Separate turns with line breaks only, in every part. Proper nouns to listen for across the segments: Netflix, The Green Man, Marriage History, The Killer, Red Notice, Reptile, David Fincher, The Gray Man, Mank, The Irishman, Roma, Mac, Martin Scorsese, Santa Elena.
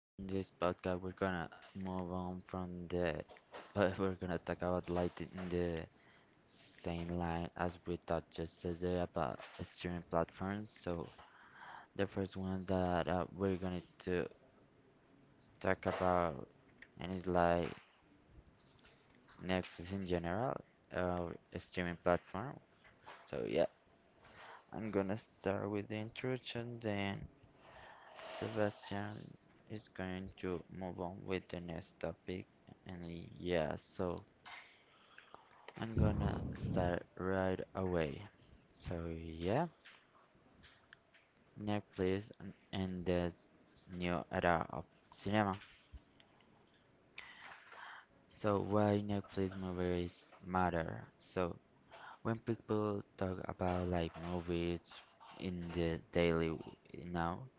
In this podcast, we're gonna move on from the. We're gonna talk about light in the same line as we talked yesterday about streaming platforms. So the first one that we're gonna to talk about, and it's like Netflix in general or a streaming platform. So, I'm gonna start with the introduction, then Sebastian is going to move on with the next topic. And yeah, so I'm gonna start right away. So yeah, Netflix and this new era of cinema. So why Netflix movies matter? So when people talk about like movies in the daily now,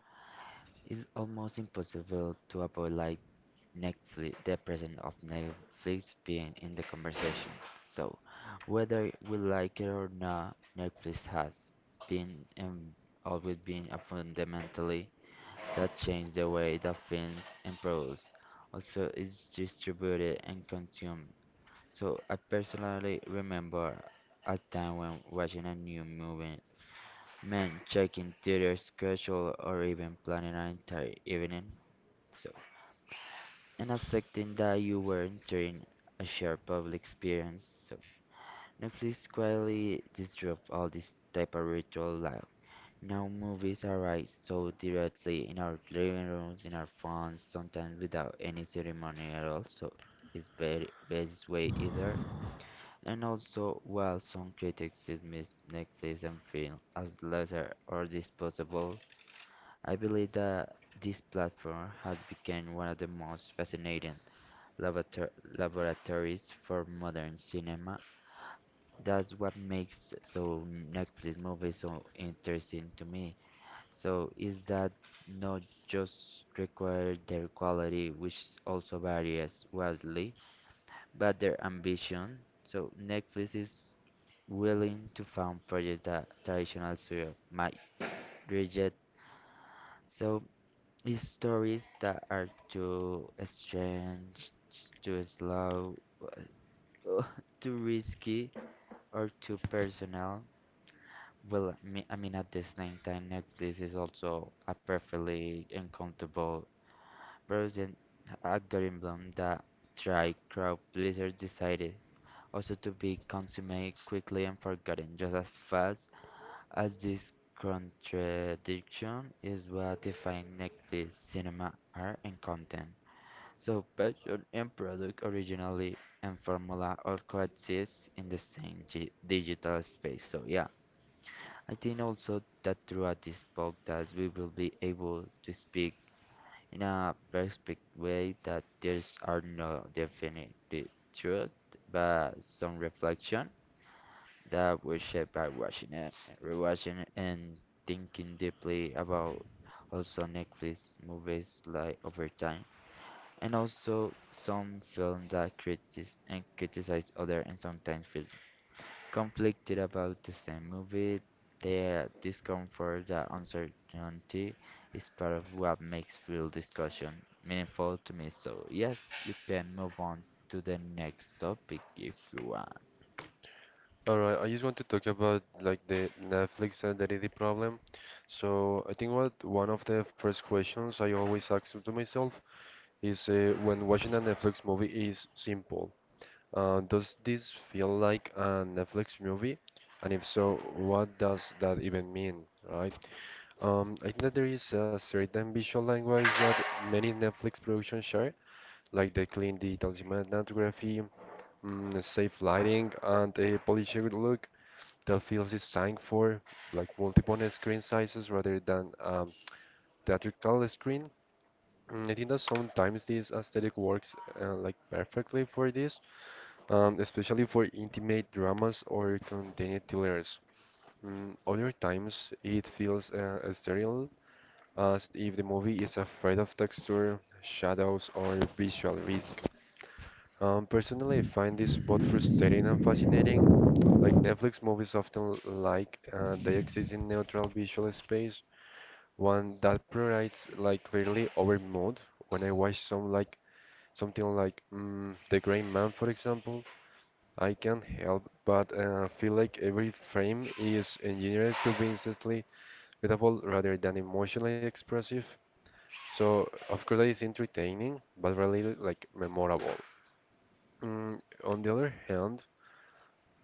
it's almost impossible to avoid like Netflix, the president of Netflix being in the conversation. So, whether we like it or not, Netflix has been and always been a fundamentally that changed the way that films and products also is distributed and consumed. So, I personally remember a time when watching a new movie meant checking theater schedule or even planning an entire evening. So and accepting that you were entering a shared public experience. So Netflix quietly disrupt all this type of ritual life. Now movies arrive so directly in our living rooms, in our phones, sometimes without any ceremony at all. So it's very best way either. And also, while some critics dismiss Netflix and film as lesser or disposable, I believe that this platform has become one of the most fascinating laborator- laboratories for modern cinema. That's what makes so Netflix movies so interesting to me. So is that not just require their quality, which also varies wildly, but their ambition. So Netflix is willing to fund projects that traditional studio might reject. So it's stories that are too strange, too slow, Ugh, too risky or too personal. Well, I mean, at the same time, Netflix is also a perfectly uncomfortable version algorithm that try crowd pleasers decided also to be consumed quickly and forgotten just as fast as this contradiction is what defines Netflix cinema art and content. So budget and product originally and formula all coexist in the same digital space. So yeah, I think also that throughout this podcast we will be able to speak in a perspective way that there's are no definite truth, but some reflection that we shape by watching it, rewatching it, and thinking deeply about also Netflix movies like over time, and also some films that critic and criticize other and sometimes feel conflicted about the same movie. The discomfort, the uncertainty is part of what makes film discussion meaningful to me. So yes, you can move on to the next topic if you want.
Alright, I just want to talk about like the Netflix identity problem. So I think what one of the first questions I always ask to myself is when watching a Netflix movie is simple. Does this feel like a Netflix movie? And if so, what does that even mean, right? I think that there is a certain visual language that many Netflix productions share, like the clean digital cinematography, safe lighting, and a polished look the field is designed for like multiple screen sizes rather than theatrical screen. I think that sometimes this aesthetic works like perfectly for this, especially for intimate dramas or contained thrillers. Other times it feels sterile, as if the movie is afraid of texture, shadows, or visual risk. Personally, I find this both frustrating and fascinating. Like Netflix movies often like they exist in neutral visual space, one that provides like clearly over mood. When I watch some something like The Gray Man, for example, I can't help but feel like every frame is engineered to be instantly readable rather than emotionally expressive. So of course that is entertaining, but really like memorable. On the other hand,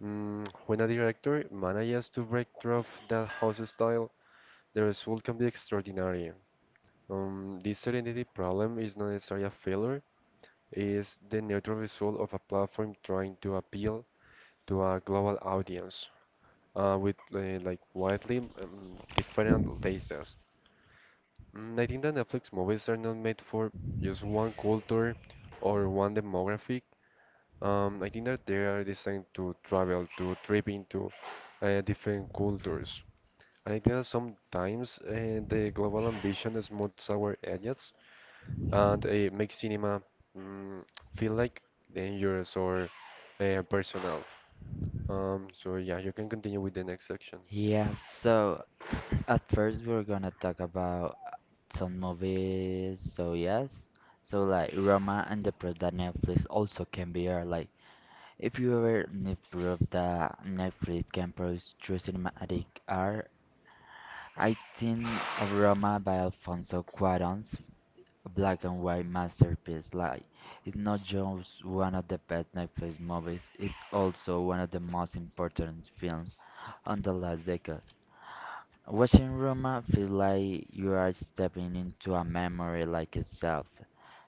When a director manages to break through that house style, the result can be extraordinary. This serenity problem is not necessarily a failure, it is the natural result of a platform trying to appeal to a global audience with like widely different tastes. I think that Netflix movies are not made for just one culture or one demographic. I think that they are designed to travel, to trip into different cultures. I think that sometimes the global ambition smooths our edges and makes cinema mm, feel like dangerous or personal. So yeah, you can continue with the next section.
Yeah, so at first we're gonna talk about some movies. So yes, so like Roma and the Press that Netflix also can be here. Like if you ever need proof that Netflix can produce true cinematic art, I think of Roma by Alfonso Cuarón's black and white masterpiece. Like, it's not just one of the best Netflix movies, it's also one of the most important films on the last decade. Watching Roma feels like you are stepping into a memory like itself.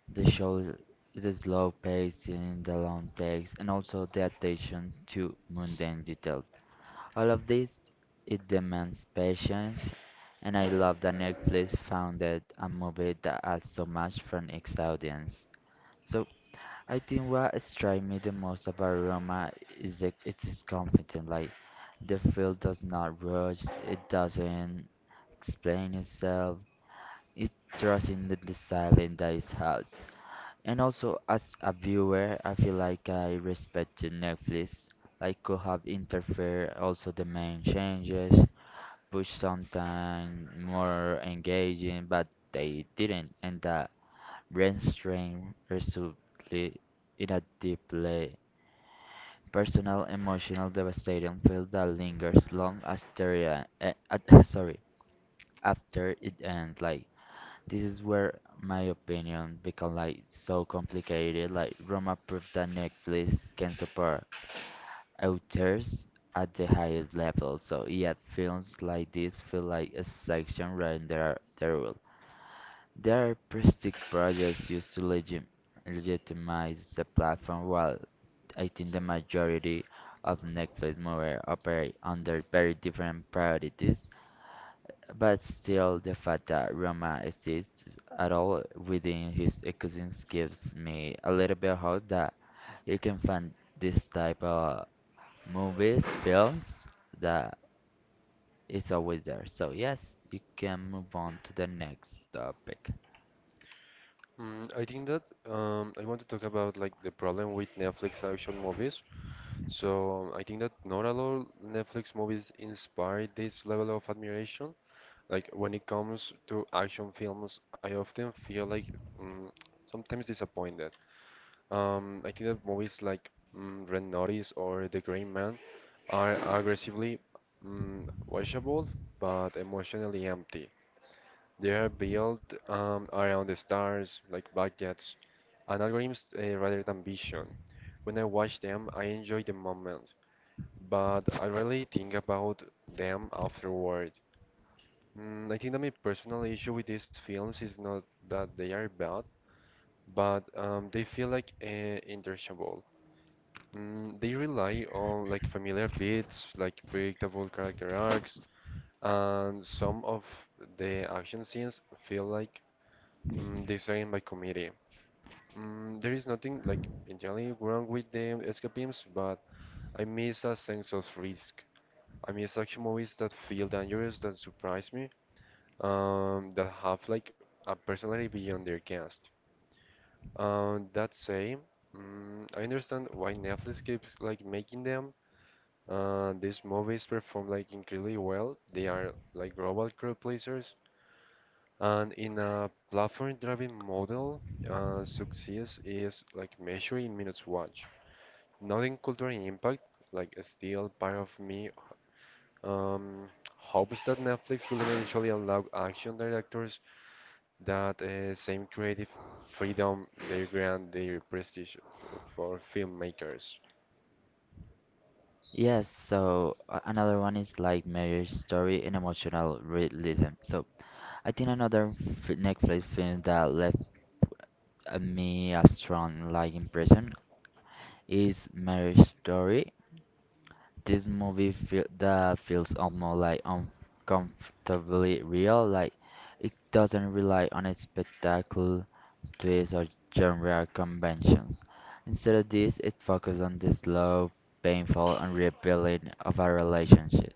The show the slow pacing, the long takes, and also the attention to mundane details. All of this it demands patience, and I love that Netflix founded a movie that has so much from its audience. So I think what strikes me the most about Roma is that it is confident. Like the film does not rush, it doesn't explain itself, it trusts in the silence that it has. And also, as a viewer, I feel like I respected Netflix. Like could have interfered also the main changes, push something more engaging, but they didn't, and that brain strain resulted in a deeply personal, emotional, devastating feel that lingers long after, sorry, after it ends. Like this is where my opinion become like so complicated. Like Roma proved that Netflix can support authors at the highest level. So yet films like this feel like a section rather than their rule. There are prestige projects used to legitimize the platform while I think the majority of Netflix movies operate under very different priorities. But still, the fact that Roma exists at all within his existence gives me a little bit of hope that you can find this type of movies, films that is always there. So yes, you can move on to the next topic.
I think that I want to talk about like the problem with Netflix action movies. So I think that not all Netflix movies inspire this level of admiration. Like when it comes to action films, I often feel like mm, sometimes disappointed. I think that movies like Red Notice or The Green Man are aggressively mm, watchable but emotionally empty. They are built around the stars, like budgets, and algorithms rather than vision. When I watch them, I enjoy the moment, but I rarely think about them afterward. I think that my personal issue with these films is not that they are bad, but they feel like interchangeable. They rely on like familiar beats, like predictable character arcs, and some of the action scenes feel like designed by committee. There is nothing like entirely wrong with the escapisms, but I miss a sense of risk. I miss action movies that feel dangerous, that surprise me, that have like a personality beyond their cast. That say, I understand why Netflix keeps like making them. These movies perform like incredibly well. They are like global crowd pleasers, and in a platform-driven model, success is like measured in minutes watched. Not in cultural impact. Like still, part of me um, hopes that Netflix will eventually allow action directors that same creative freedom they grant their prestige for filmmakers.
Yes, so another one is like marriage story and emotional realism. So I think another Netflix film that left me a strong like impression is Marriage Story. This movie feels almost like uncomfortably real. Like it doesn't rely on its spectacle, twists or genre conventions. Instead of this, it focuses on the slow, painful, and rebuilding of a relationship.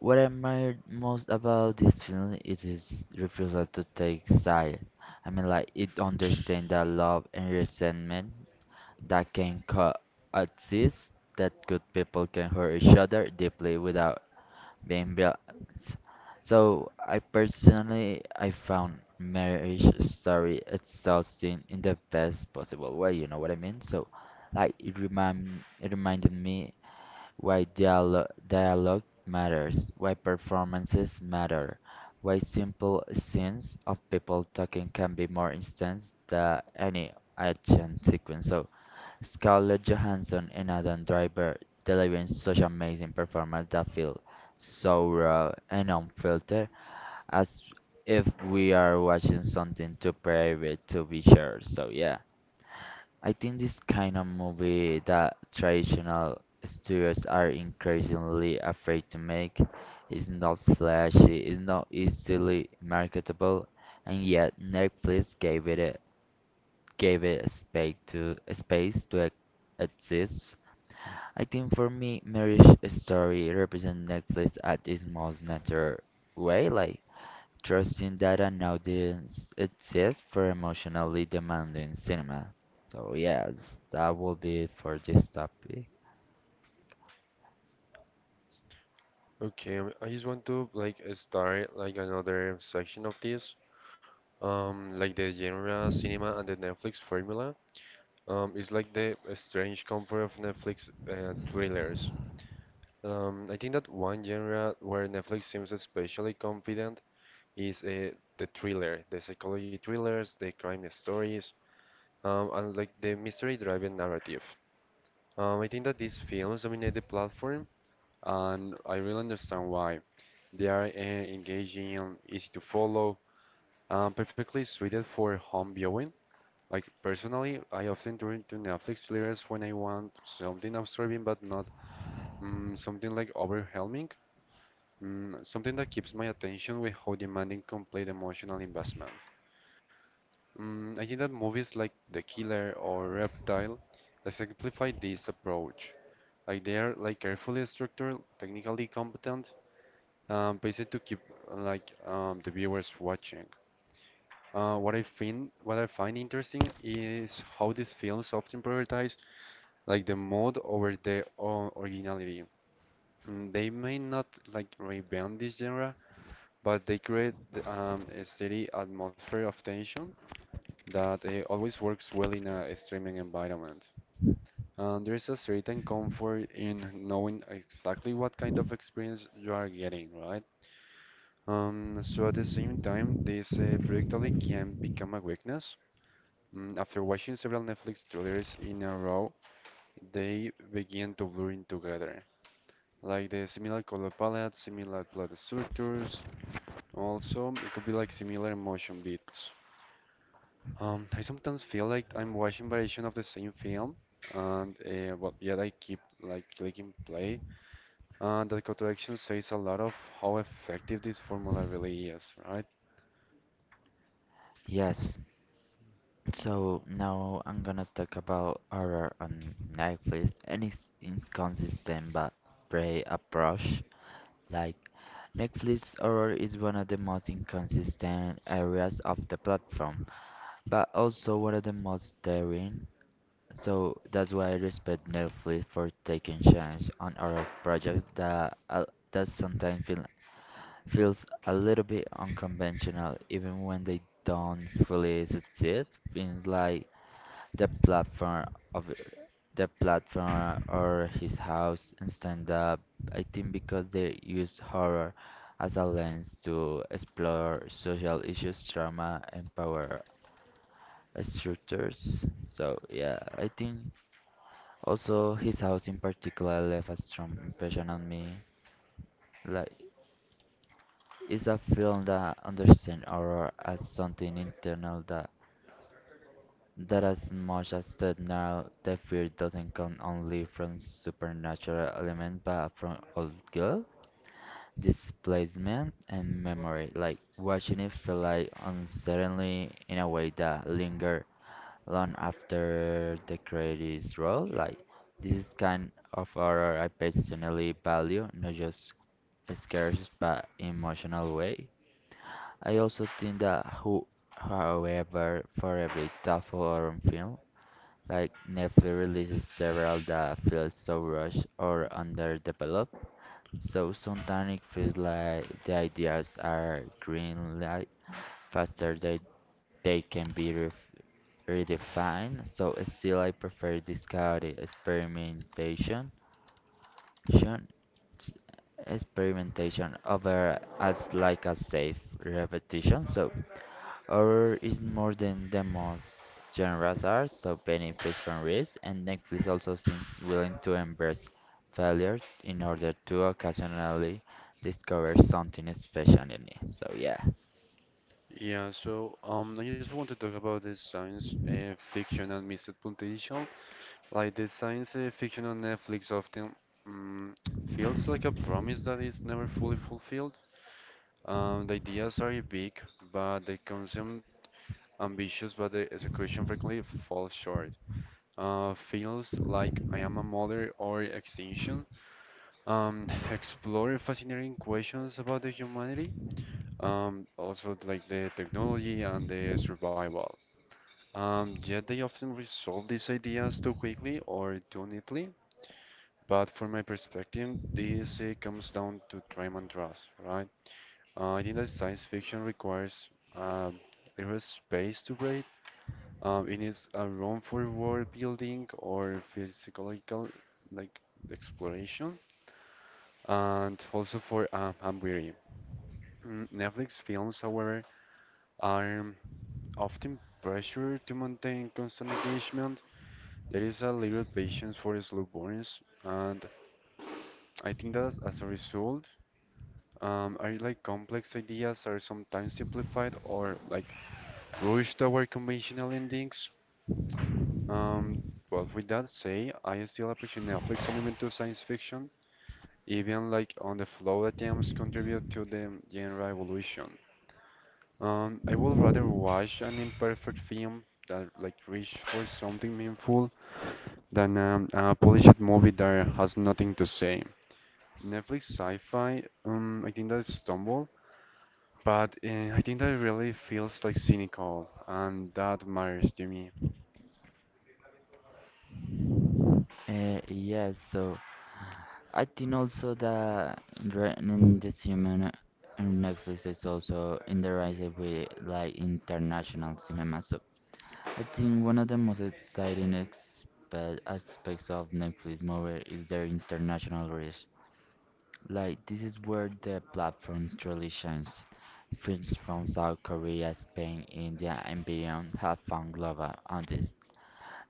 What I admire most about this film is his refusal to take sides. I mean, like it understands that love and resentment that can coexist, that good people can hurt each other deeply without being violent. So I personally I found marriage story exhausting in the best possible way, you know what I mean? So like it reminded me why dialogue matters, why performances matter, why simple scenes of people talking can be more intense than any action sequence. So Scarlett Johansson and Adam Driver delivering such amazing performance that feel so raw and unfiltered, as if we are watching something too private to be shared. So yeah, I think this kind of movie that traditional studios are increasingly afraid to make is not flashy, is not easily marketable, and yet Netflix gave it a space to exist. I think for me, marriage story represent Netflix at its most natural way, like trusting that an audience exists for emotionally demanding cinema. So yes, that will be it for this topic.
Okay, I just want to like start like another section of this. Like the genre cinema and the Netflix formula. It's like the strange comfort of Netflix thrillers. I think that one genre where Netflix seems especially confident is the thriller, the psychology thrillers, the crime stories, and like the mystery-driven narrative. I think that these films dominate the platform, and I really understand why. They are engaging, easy to follow, perfectly suited for home viewing. Like personally, I often turn to Netflix series when I want something absorbing but not something like overwhelming, something that keeps my attention without demanding complete emotional investment. I think that movies like The Killer or Reptile exemplify this approach. Like they are like carefully structured, technically competent, based to keep like the viewers watching. What I find interesting is how these films often prioritize like the mode over the originality. They may not like reinvent this genre, but they create a steady atmosphere of tension that always works well in a streaming environment. And there's a certain comfort in knowing exactly what kind of experience you are getting, right? So at the same time, this predictably can become a weakness. After watching several Netflix trailers in a row, they begin to blur in together. Like the similar color palette, similar plot structures. Also, it could be like similar motion beats. I sometimes feel like I'm watching variation of the same film, and well, yet I keep like clicking play. And the contradiction says a lot of how effective this formula really is, right?
Yes. So now I'm gonna talk about horror on Netflix and its inconsistent but brave approach. Like Netflix horror is one of the most inconsistent areas of the platform, but also one of the most daring. So that's why I respect Netflix for taking chance on our projects that that sometimes feels a little bit unconventional, even when they don't fully succeed in like the platform of the platform or his house and stand up. I think because they use horror as a lens to explore social issues, trauma, and power structures. So yeah, I think also his house in particular left a strong impression on me. Like it's a film that understands horror as something internal that as much as the now the fear doesn't come only from supernatural element but from old girl displacement and memory like watching it feel like uncertainly in a way that linger long after the credit is rolled. Like this is kind of horror I personally value, not just scares but emotional way. I also think that who however for every thoughtful horror film, like Netflix releases several that feel so rushed or underdeveloped. So sometimes it feels like the ideas are green light faster than they can be redefined, so still I prefer discovery, experimentation, shun- s- experimentation over as like a safe repetition. So horror is more than the most genres are, so benefits from risk, and Netflix also seems willing to embrace failure in order to occasionally discover something special in it. So yeah,
Yeah, so I just want to talk about the science fiction and missed potential. Like the science fiction on Netflix often mm feels like a promise that is never fully fulfilled. The ideas are big, but they consume ambitious, but the execution frequently falls short. Feels like I am a mother or extinction. Explore fascinating questions about the humanity. Also like the technology and the survival. Yet they often resolve these ideas too quickly or too neatly. But from my perspective, this comes down to time and trust, right? I think that science fiction requires um, there is space to breathe. It needs a room for world building or physiological like exploration, and also for I'm weary. Netflix films, however, are often pressured to maintain constant engagement. There is a little patience for slow burns, and I think that as a result, are like complex ideas are sometimes simplified or like Rush to our conventional endings. Um, well, with that say, I still appreciate Netflix commitment to science fiction, even like on the flow attempts contribute to the genre evolution. I would rather watch an imperfect film that like reach for something meaningful than a polished movie that has nothing to say. Netflix sci-fi, I think that is stumble, but I think that it really feels like cynical, and that matters to me.
yes. So I think also that in in this cinema and Netflix is also in the rise of with like international cinema. So I think one of the most exciting aspects of Netflix movie is their international reach. Like this is where the platform truly shines. Films from South Korea, Spain, India, and beyond have found global audience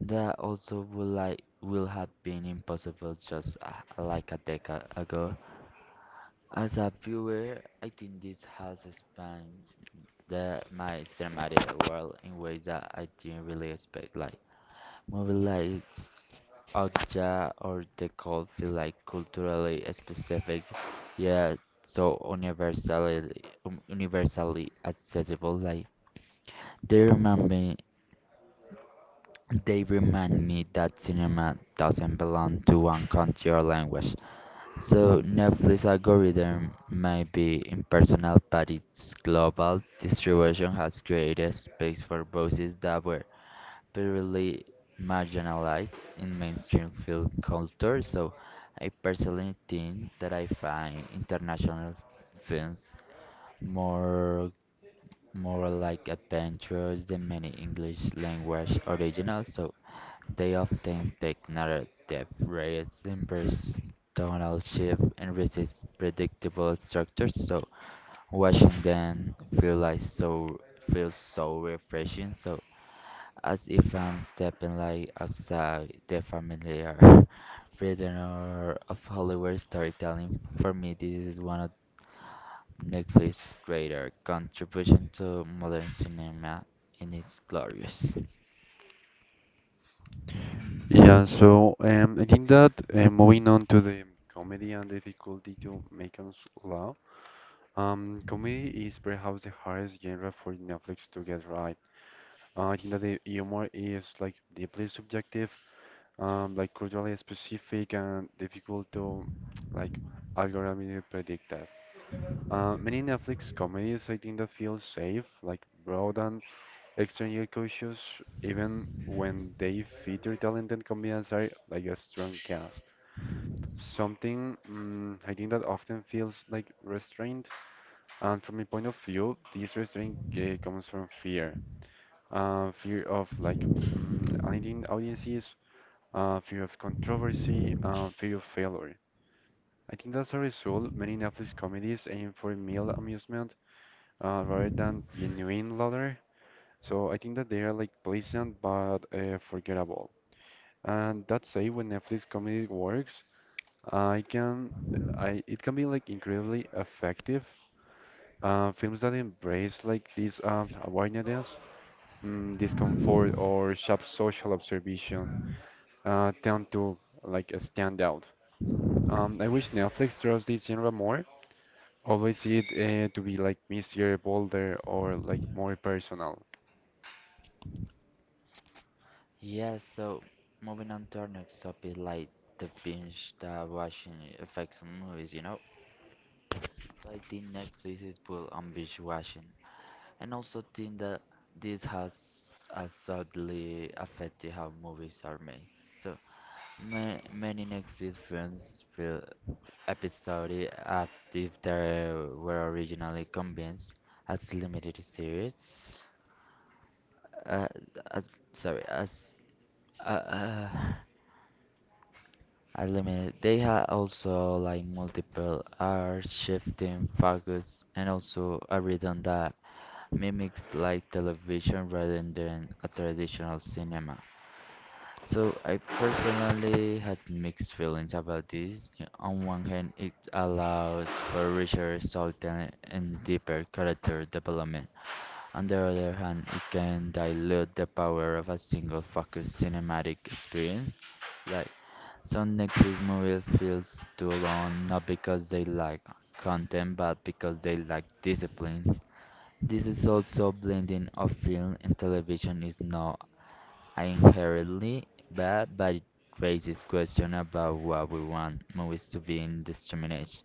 that also would like will have been impossible just like a decade ago. As a viewer, I think this has expanded my cinematic world in ways that I didn't really expect. Like movies like Okja or The Cold feel like culturally specific, yet so universally universally accessible. Like they remind me, they remind me that cinema doesn't belong to one country or language. So Netflix algorithm might be impersonal, but its global distribution has created space for voices that were previously marginalized in mainstream film culture. So I personally think that I find international films more more like adventures than many English language originals. So they often take narrative rays, impersonal tonal shift, and resist predictable structures. So watching them feel like feels so refreshing. So as if I'm stepping like outside the familiar prisoner of Hollywood storytelling. For me, this is one of Netflix's greater contribution to modern cinema in its glorious.
Yeah, so I think that moving on to the comedy and difficulty to make us laugh, comedy is perhaps the hardest genre for Netflix to get right. I think that the humor is like deeply subjective, like culturally specific, and difficult to like algorithmically predict. Many Netflix comedies I think that feel safe, like broad and extremely cautious, even when they feature talented comedians are like a strong cast. Something I think that often feels like restraint, and from my point of view, this restraint comes from fear. Fear of like alienating audiences, fear of controversy, fear of failure. I think that's a result, many Netflix comedies aim for mild amusement rather than genuine louder. So I think that they are like pleasant but forgettable. And that's say when Netflix comedy works, I can, I it can be like incredibly effective. Films that embrace like this awareness, discomfort, or sharp social observation tend to like stand out. I wish Netflix trusts this genre more. Always see it to be like messier, bolder, or like more personal.
Yeah, so moving on to our next topic, like the binge that watching affects on movies, you know? So I think Netflix is full on binge watching, and also think that this has sadly affected how movies are made. So ma many Netflix films feel episodic as if they were originally convinced as limited series. Uh, as sorry, as uh, uh, I Limited. They had also like multiple R shifting focus and also a rhythm that mimics like television rather than a traditional cinema. So I personally had mixed feelings about this. On one hand, it allows for richer storytelling and deeper character development. On the other hand, it can dilute the power of a single focused cinematic experience. Like some Netflix movies feel too long not because they lack content but because they lack discipline. This is also blending of film and television is now I inherently bad, but it raises question about what we want movies to be indiscriminate.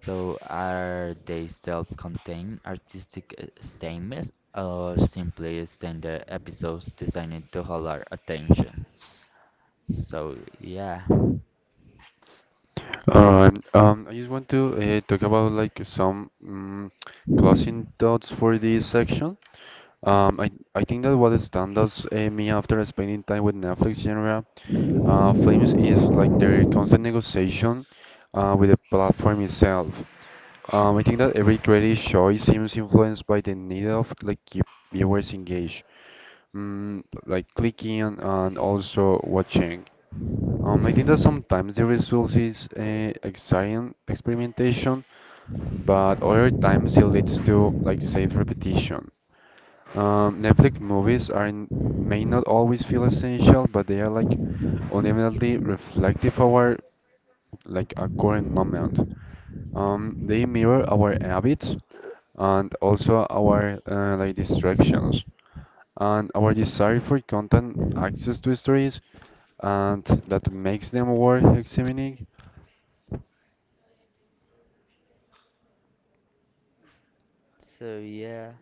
So are they self-contained artistic statements or simply standard episodes designed to hold our attention? So yeah.
All right. I just want to talk about like some closing thoughts for this section. I think that what stands out me after spending time with Netflix genre films is like their constant negotiation with the platform itself. I think that every creative choice seems influenced by the need of like keep viewers engaged, like clicking and also watching. I think that sometimes the result is exciting experimentation, but other times it leads to like safe repetition. Netflix movies are may not always feel essential, but they are like ultimately reflective of our like a current moment. They mirror our habits and also our like distractions and our desire for content access to stories, and that makes them worth examining.
So yeah,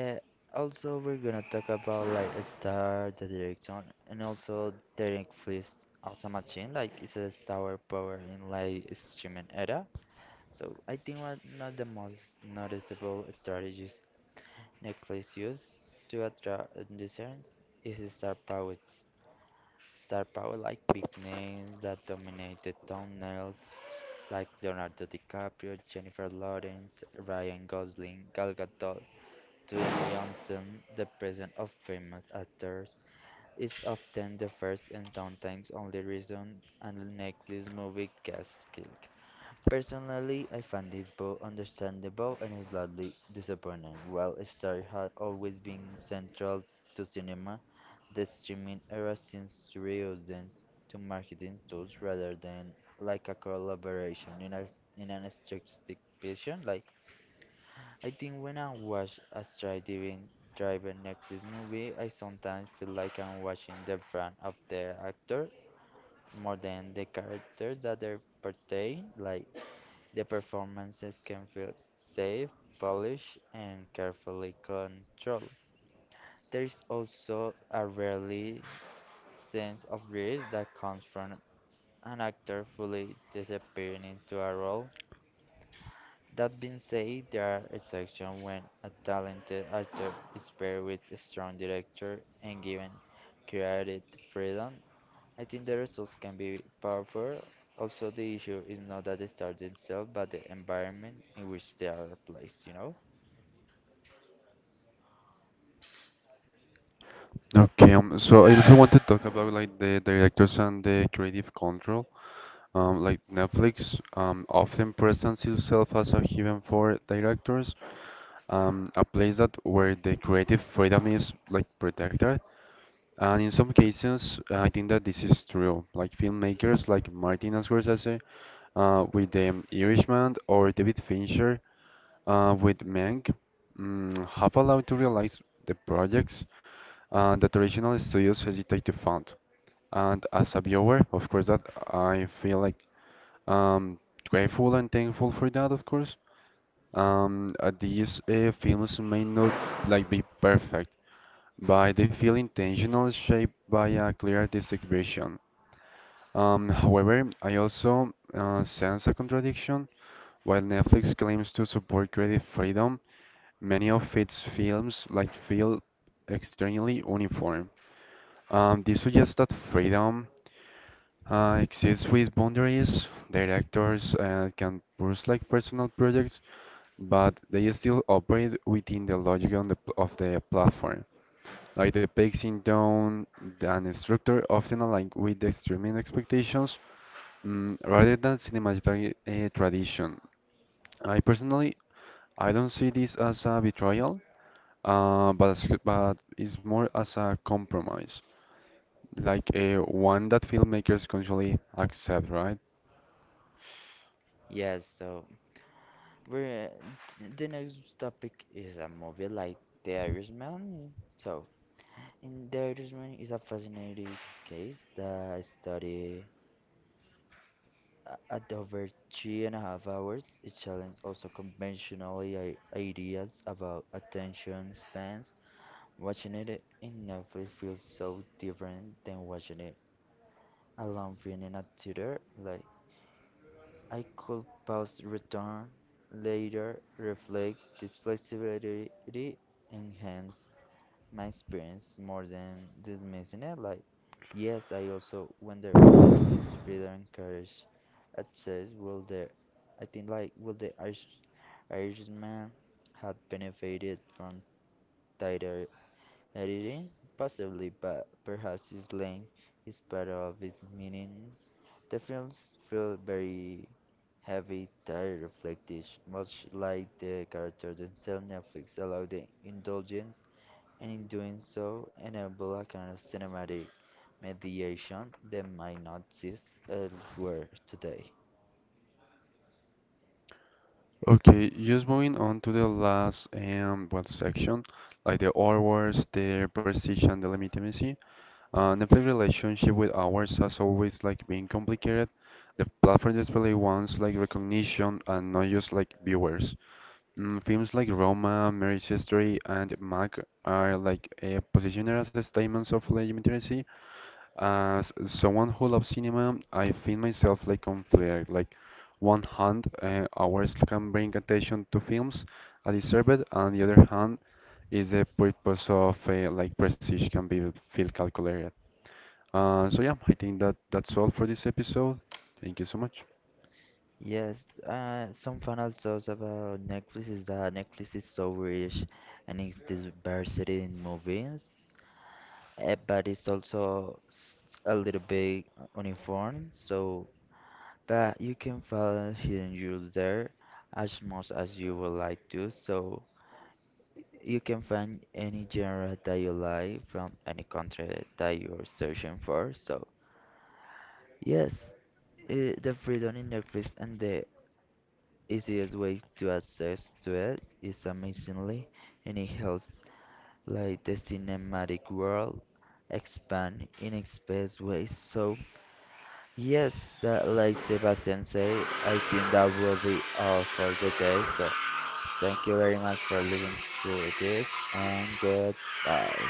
uh, also we're gonna talk about like a star, the direction, and also Derek Fliss as a machine. Like it's a star power in like streaming era. So I think one of the most noticeable strategies Netflix use to attract audiences is star power. Star power like big names that dominated thumbnails like Leonardo DiCaprio, Jennifer Lawrence, Ryan Gosling, Gal Gadot, Dwayne Johnson, the presence of famous actors is often the first and sometimes only reason a Netflix movie gets killed. Personally, I find this both understandable and slightly disappointing. While Star had always been central to cinema, the streaming era seems to reduce them to marketing tools rather than like a collaboration in an strategic vision. Like I think when I watch a Star driven Netflix movie, I sometimes feel like I'm watching the brand of the actor more than the characters that they portray. Like the performances can feel safe, polished, and carefully controlled. There is also a rarely sense of risk that comes from an actor fully disappearing into a role. That being said, there are exceptions when a talented actor is paired with a strong director and given creative freedom. I think the results can be powerful. Also, the issue is not that the stars themselves, but the environment in which they are placed, you know?
Okay, so I also want to talk about like the directors and the creative control. Like Netflix often presents itself as a haven for directors, a place that where the creative freedom is like protected. And in some cases, I think that this is true. Like filmmakers like Martin Scorsese with The Irishman or David Fincher with Mank have allowed to realize the projects that traditional studios hesitate to fund. And as a viewer, of course, that I feel like um, grateful and thankful for that, of course. These films may not like be perfect, but they feel intentional, shaped by a clear artistic vision. However, I also sense a contradiction. While Netflix claims to support creative freedom, many of its films like feel extremely uniform. This suggests that freedom exists with boundaries. Directors can pursue like personal projects, but they still operate within the logic on of the platform. Like the pacing tone and structure often align with the streaming expectations rather than cinematography tradition. I personally, I don't see this as a betrayal, but it's more as a compromise, like a one that filmmakers consciously accept, right?
Yes, so we're the next topic is a movie like The Irishman. So, in The Irishman is a fascinating case that study at over 3.5 hours. It challenges also conventional ideas about attention spans. Watching it in Netflix feels so different than watching it alone film in a theater. Like I could pause, return later, reflect. This flexibility enhanced my experience more than dismissing it. Like, yes, I also wonder whether this freedom encouraged access. Will the, I think, like, will the Irishman have benefited from tighter editing? Possibly, but perhaps his length is part of its meaning the films feel very heavy, tired, reflective, much like the characters themselves. Netflix allow the indulgence, and in doing so, enable a kind of cinematic mediation that might not exist elsewhere today.
Okay, just moving on to the last well section, like the hours, the prestige and the legitimacy. Netflix relationship with hours has always like been complicated. The platform display wants like recognition and not just like viewers. Films like Roma, Marriage History, and Mac are like positioned as statements of legitimacy, as someone who loves cinema, I feel myself like on fire. Like one hand, hours can bring attention to films I deserve it, and the other hand is the purpose of like prestige can be feel calculated. So yeah, I think that that's all for this episode. Thank you so much.
Yes, some final thoughts about Netflix is that Netflix is so rich and its diversity in movies, eh, but it's also a little bit uniform. So but you can find hidden jewels there as much as you would like to, so you can find any genre that you like from any country that you're searching for. So, yes, eh, the freedom in Netflix and the easiest way to access to it is amazingly, and it helps like the cinematic world expand in express ways. So, yes, that, like Sebastian said, I think that will be all for the day. So thank you very much for listening to this and goodbye.